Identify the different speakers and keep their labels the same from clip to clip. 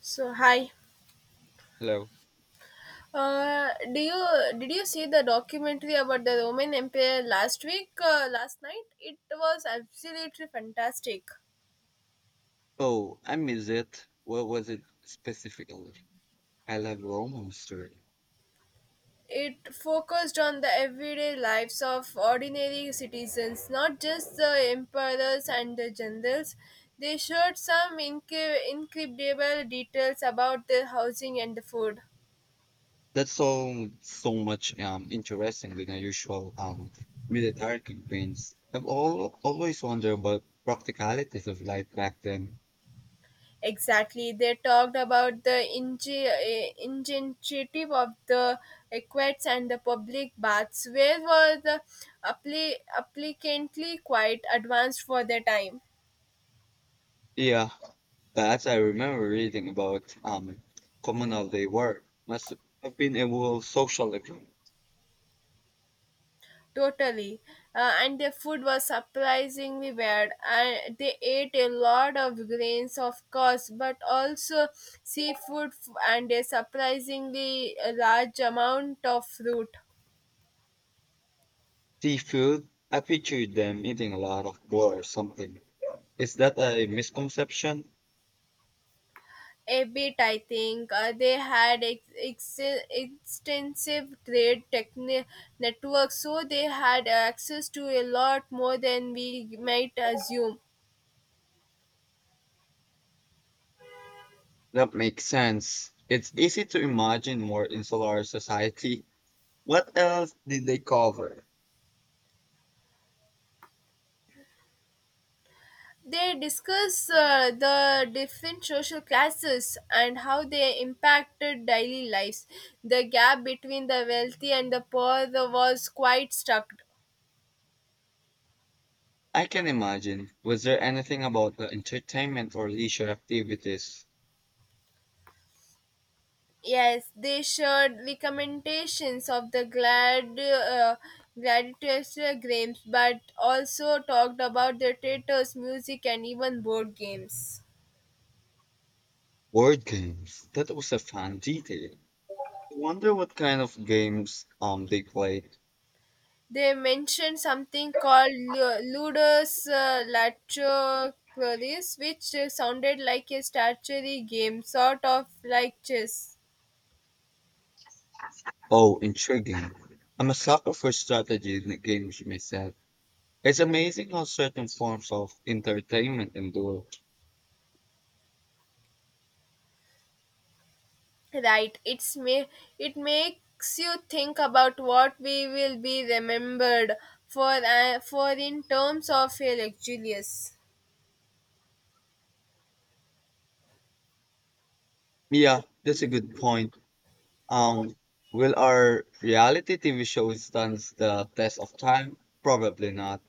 Speaker 1: So hi.
Speaker 2: Hello.
Speaker 1: Do you did you see the documentary about the Roman Empire last week? Last night, it was absolutely fantastic.
Speaker 2: Oh, I miss it. What was it specifically? I love Roman history.
Speaker 1: It focused on the everyday lives of ordinary citizens, not just the emperors and the generals. They showed some incredible details about their housing and the food.
Speaker 2: That's so much interesting than unusual military campaigns. Always wondered about practicalities of life back then.
Speaker 1: Exactly. They talked about the ingenuity of the aqueducts and the public baths, where were the applicantly quite advanced for their time.
Speaker 2: Yeah, that I remember reading about communal they were. Must have been a whole social event.
Speaker 1: Totally. And their food was surprisingly weird. And they ate a lot of grains, of course, but also and a surprisingly large amount of fruit.
Speaker 2: Seafood. I pictured them eating a lot of boar or something. Is that a misconception?
Speaker 1: A bit, I think. They had extensive trade networks, so they had access to a lot more than we might assume.
Speaker 2: That makes sense. It's easy to imagine more insular society. What else did they cover?
Speaker 1: They discuss the different social classes and how they impacted daily lives. The gap between the wealthy and the poor was quite stark.
Speaker 2: I can imagine. Was there anything about the entertainment or leisure activities?
Speaker 1: Yes, they shared recommendations of the gladiators games, but also talked about their theaters, music, and even board games.
Speaker 2: Board games. That was a fun detail. I wonder what kind of games they played.
Speaker 1: They mentioned something called Ludus Latrocleris, which sounded like a statuary game, sort of like chess.
Speaker 2: Oh, intriguing. I'm a sucker for strategy in the games myself. It's amazing how certain forms of entertainment endure.
Speaker 1: Right. It makes you think about what we will be remembered for, for in terms of a luxurious.
Speaker 2: Yeah, that's a good point. Um, will our reality TV show stand the test of time? Probably not.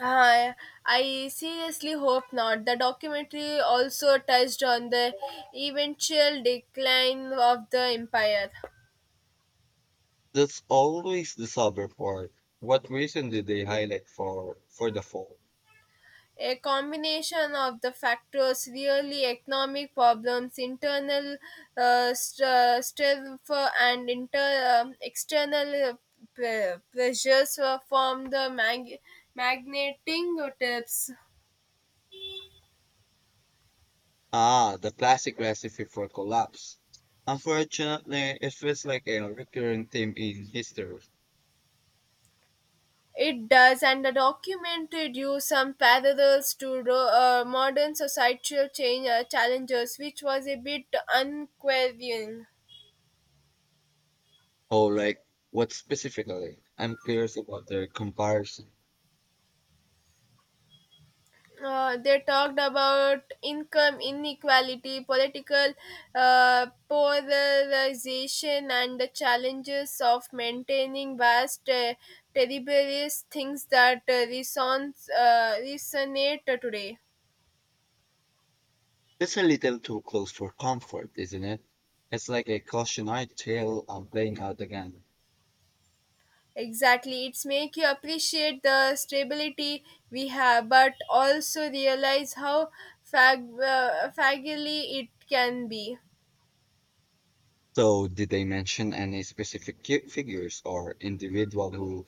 Speaker 1: uh, I seriously hope not. The documentary also touched on the eventual decline of the empire.
Speaker 2: That's always the sub part. What reason did they highlight for the fall?
Speaker 1: A combination of the factors, really. Economic problems, internal strife, and external pressures from the magneting tips.
Speaker 2: Ah, the classic recipe for collapse. Unfortunately, it feels like a recurring theme in history.
Speaker 1: It does, and the documented you some parallels to modern societal change challenges, which was a bit unquestioning.
Speaker 2: Oh, like what specifically? I'm curious about their comparison.
Speaker 1: They talked about income inequality, political polarization, and the challenges of maintaining vast territories, things that resonate today.
Speaker 2: It's a little too close for comfort, isn't it? It's like a cautionary tale playing out again.
Speaker 1: Exactly, it's make you appreciate the stability we have, but also realize how fragile it can be.
Speaker 2: So, did they mention any specific figures or individual who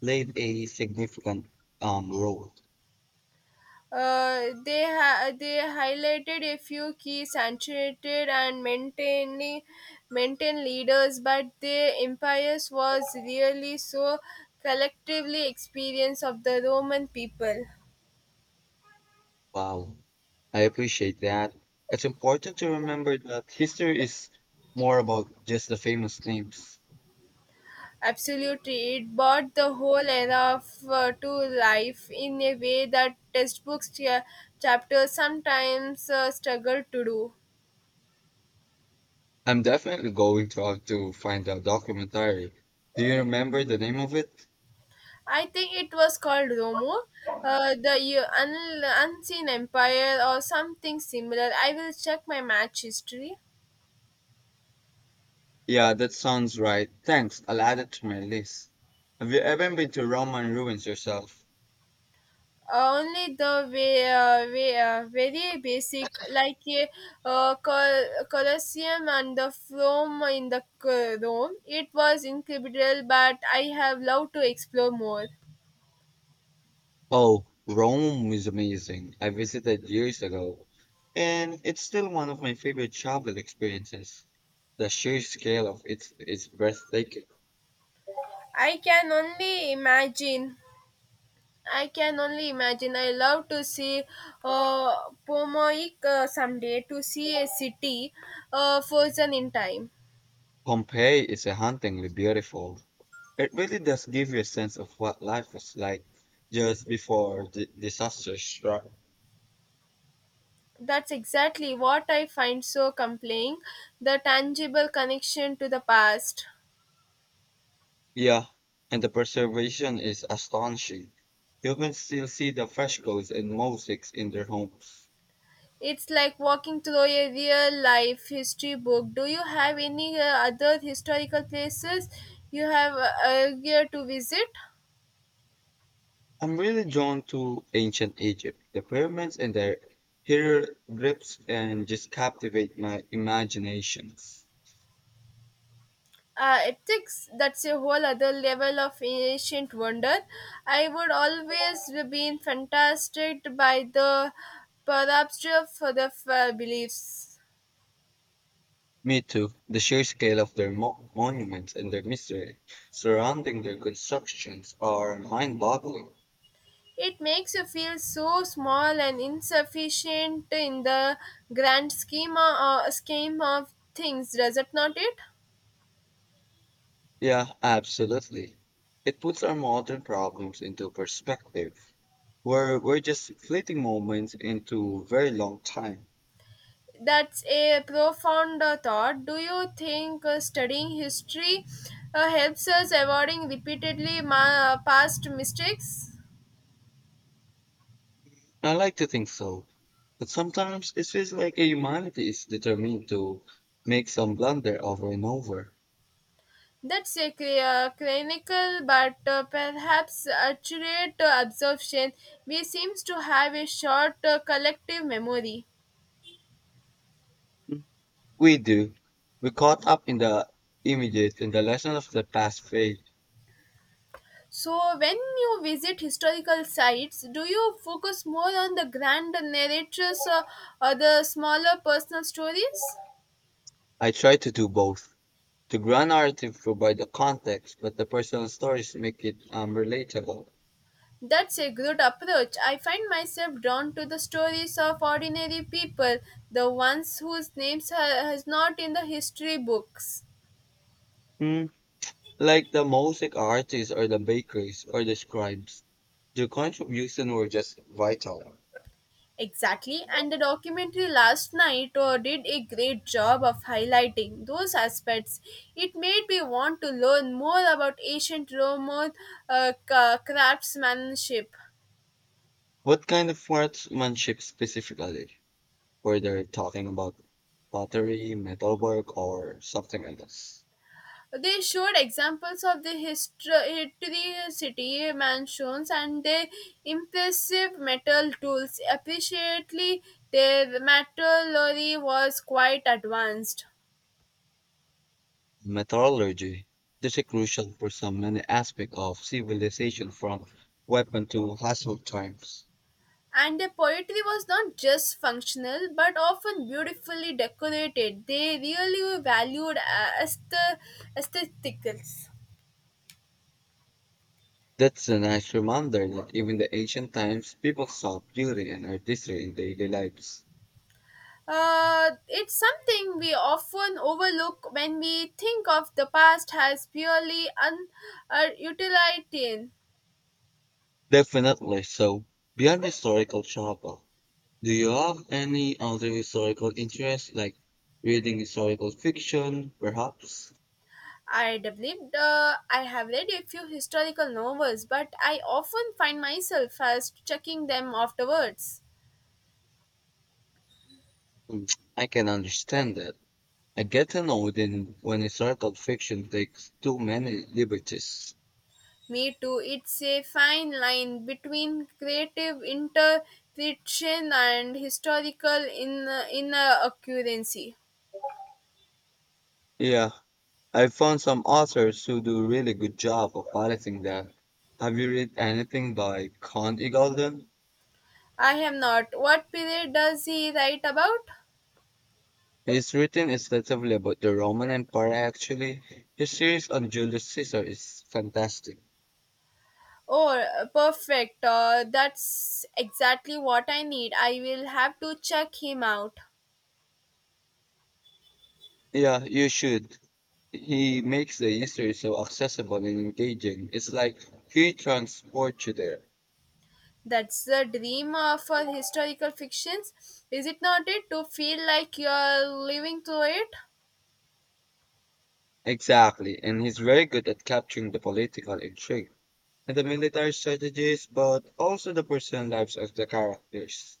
Speaker 2: played a significant role?
Speaker 1: They highlighted a few key saturated and maintained leaders, but their empires was really so collectively experience of the Roman people.
Speaker 2: Wow, I appreciate that. It's important to remember that history is more about just the famous names.
Speaker 1: Absolutely, it brought the whole era to life in a way that textbooks chapters sometimes struggle to do.
Speaker 2: I'm definitely going to have to find that documentary. Do you remember the name of it?
Speaker 1: I think it was called Romo, Unseen Empire or something similar. I will check my match history.
Speaker 2: Yeah, that sounds right. Thanks, I'll add it to my list. Have you ever been to Roman ruins yourself?
Speaker 1: Only the way, very basic, like a, Colosseum and the Rome in the Rome. It was incredible, but I have loved to explore more.
Speaker 2: Oh, Rome is amazing. I visited years ago, and it's still one of my favorite travel experiences. The sheer scale of it is breathtaking.
Speaker 1: I can only imagine. I can only imagine. I love to see uh, Pomoik someday to see a city frozen in time.
Speaker 2: Pompeii is a hauntingly beautiful. It really does give you a sense of what life was like just before the disaster struck.
Speaker 1: That's exactly what I find so compelling, the tangible connection to the past.
Speaker 2: Yeah, and the preservation is astonishing. You can still see the frescoes and mosaics in their homes.
Speaker 1: It's like walking through a real life history book. Do you have any other historical places you have eager to visit?
Speaker 2: I'm really drawn to ancient Egypt. The pyramids and their hieroglyphs and just captivate my imaginations.
Speaker 1: Ethics, that's a whole other level of ancient wonder. I would always been fantastic by the perception for the beliefs.
Speaker 2: Me too. The sheer scale of their monuments and their mystery surrounding their constructions are mind-boggling.
Speaker 1: It makes you feel so small and insufficient in the grand scheme scheme of things, does it not it?
Speaker 2: Yeah, absolutely. It puts our modern problems into perspective. Where we're just fleeting moments into very long time.
Speaker 1: That's a profound thought. Do you think studying history helps us avoiding repeatedly past mistakes?
Speaker 2: I like to think so, but sometimes it feels like humanity is determined to make some blunder over and over.
Speaker 1: That's a clear, clinical but perhaps accurate observation. We seems to have a short collective memory.
Speaker 2: Mm, we do. We caught up in the images and the lesson of the past fade.
Speaker 1: So, when you visit historical sites, do you focus more on the grand narratives, or the smaller personal stories?
Speaker 2: I try to do both. The grand narrative provide the context, but the personal stories make it relatable.
Speaker 1: That's a good approach. I find myself drawn to the stories of ordinary people, the ones whose names are, is not in the history books.
Speaker 2: Mm. Like the mosaic artists or the bakeries or the scribes. Their contribution were just vital.
Speaker 1: Exactly, and the documentary last night did a great job of highlighting those aspects. It made me want to learn more about ancient Roman craftsmanship.
Speaker 2: What kind of workmanship specifically? Whether talking about pottery, metalwork, or something else.
Speaker 1: They showed examples of the history, city mansions and their impressive metal tools. Appreciably, their metallurgy was quite advanced.
Speaker 2: Metallurgy. This is crucial for so many aspects of civilization from weapon to household times.
Speaker 1: And their poetry was not just functional but often beautifully decorated. They really were valued as the aesthetics.
Speaker 2: That's a nice reminder that even the ancient times, people saw beauty and artistry in daily lives.
Speaker 1: It's something we often overlook when we think of the past as purely utilitarian.
Speaker 2: Definitely. So, beyond historical travel, do you have any other historical interests, like reading historical fiction, perhaps?
Speaker 1: I believe I have read a few historical novels, but I often find myself as checking them afterwards.
Speaker 2: Mm, I can understand that. I get annoyed in when historical fiction takes too many liberties.
Speaker 1: Me too. It's a fine line between creative interpretation and historical in inaccuracy.
Speaker 2: Yeah, I found some authors who do a really good job of balancing that. Have you read anything by Count Eagleton?
Speaker 1: I have not. What period does he write about?
Speaker 2: His written extensively about the Roman Empire actually. His series on Julius Caesar is fantastic.
Speaker 1: Oh, perfect. That's exactly what I need. I will have to check him out.
Speaker 2: Yeah, you should. He makes the history so accessible and engaging. It's like he transports you there.
Speaker 1: That's the dream for historical fictions, is it not? It to feel like you're living through it.
Speaker 2: Exactly, and he's very good at capturing the political intrigue. And the military strategies, but also the personal lives of the characters.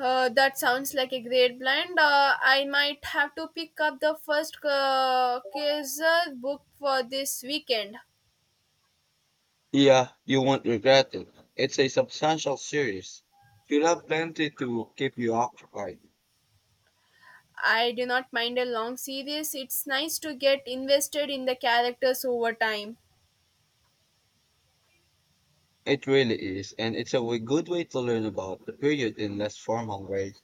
Speaker 1: That sounds like a great blend. I might have to pick up the first Kaiser book for this weekend.
Speaker 2: Yeah, you won't regret it. It's a substantial series. You'll have plenty to keep you occupied.
Speaker 1: I do not mind a long series. It's nice to get invested in the characters over time.
Speaker 2: It really is, and it's a way, good way to learn about the period in less formal way.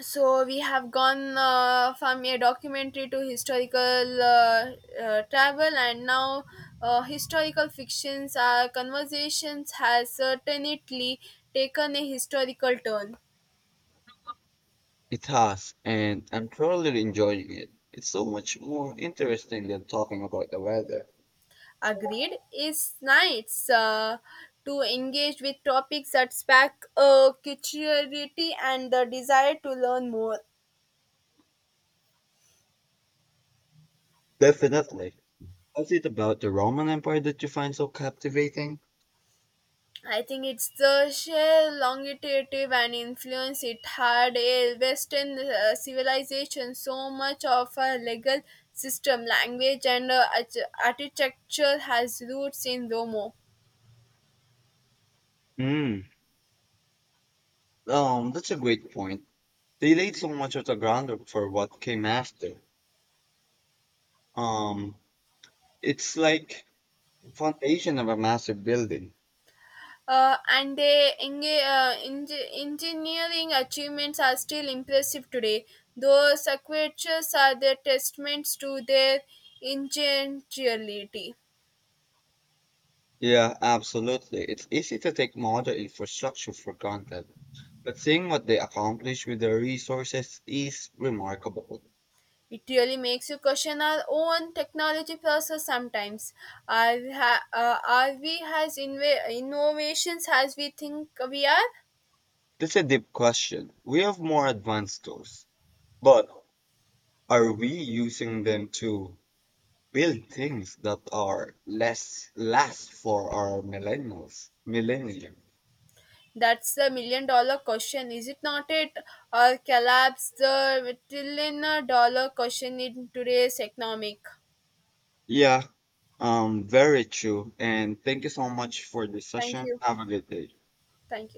Speaker 1: So we have gone from a documentary to historical, travel, and now historical fictions. Our conversations has certainly taken a historical turn.
Speaker 2: It has, and I'm thoroughly enjoying it. It's so much more interesting than talking about the weather.
Speaker 1: Agreed. It's nice to engage with topics that spark curiosity and the desire to learn more.
Speaker 2: Definitely. What's it about the Roman Empire that you find so captivating?
Speaker 1: I think it's the sheer longitude and influence it had a Western civilization. So much of our legal system, language, and architecture has roots in Rome.
Speaker 2: Hmm. That's a great point. They laid so much of the groundwork for what came after. Um, it's like foundation of a massive building.
Speaker 1: And their engineering achievements are still impressive today. Though sequences are their testaments to their ingenuity.
Speaker 2: Yeah, absolutely. It's easy to take modern infrastructure for granted, but seeing what they accomplished with their resources is remarkable.
Speaker 1: It really makes you question our own technology process sometimes. Are we as innovations as we think we are?
Speaker 2: That's a deep question. We have more advanced tools, but are we using them to build things that are less last for our millennials, millennia?
Speaker 1: That's the million dollar question, is it not it? Or collapse the trillion dollar question in today's economic?
Speaker 2: Yeah, very true. And thank you so much for this
Speaker 1: Thank
Speaker 2: session.
Speaker 1: you.
Speaker 2: Have a good day.
Speaker 1: Thank you.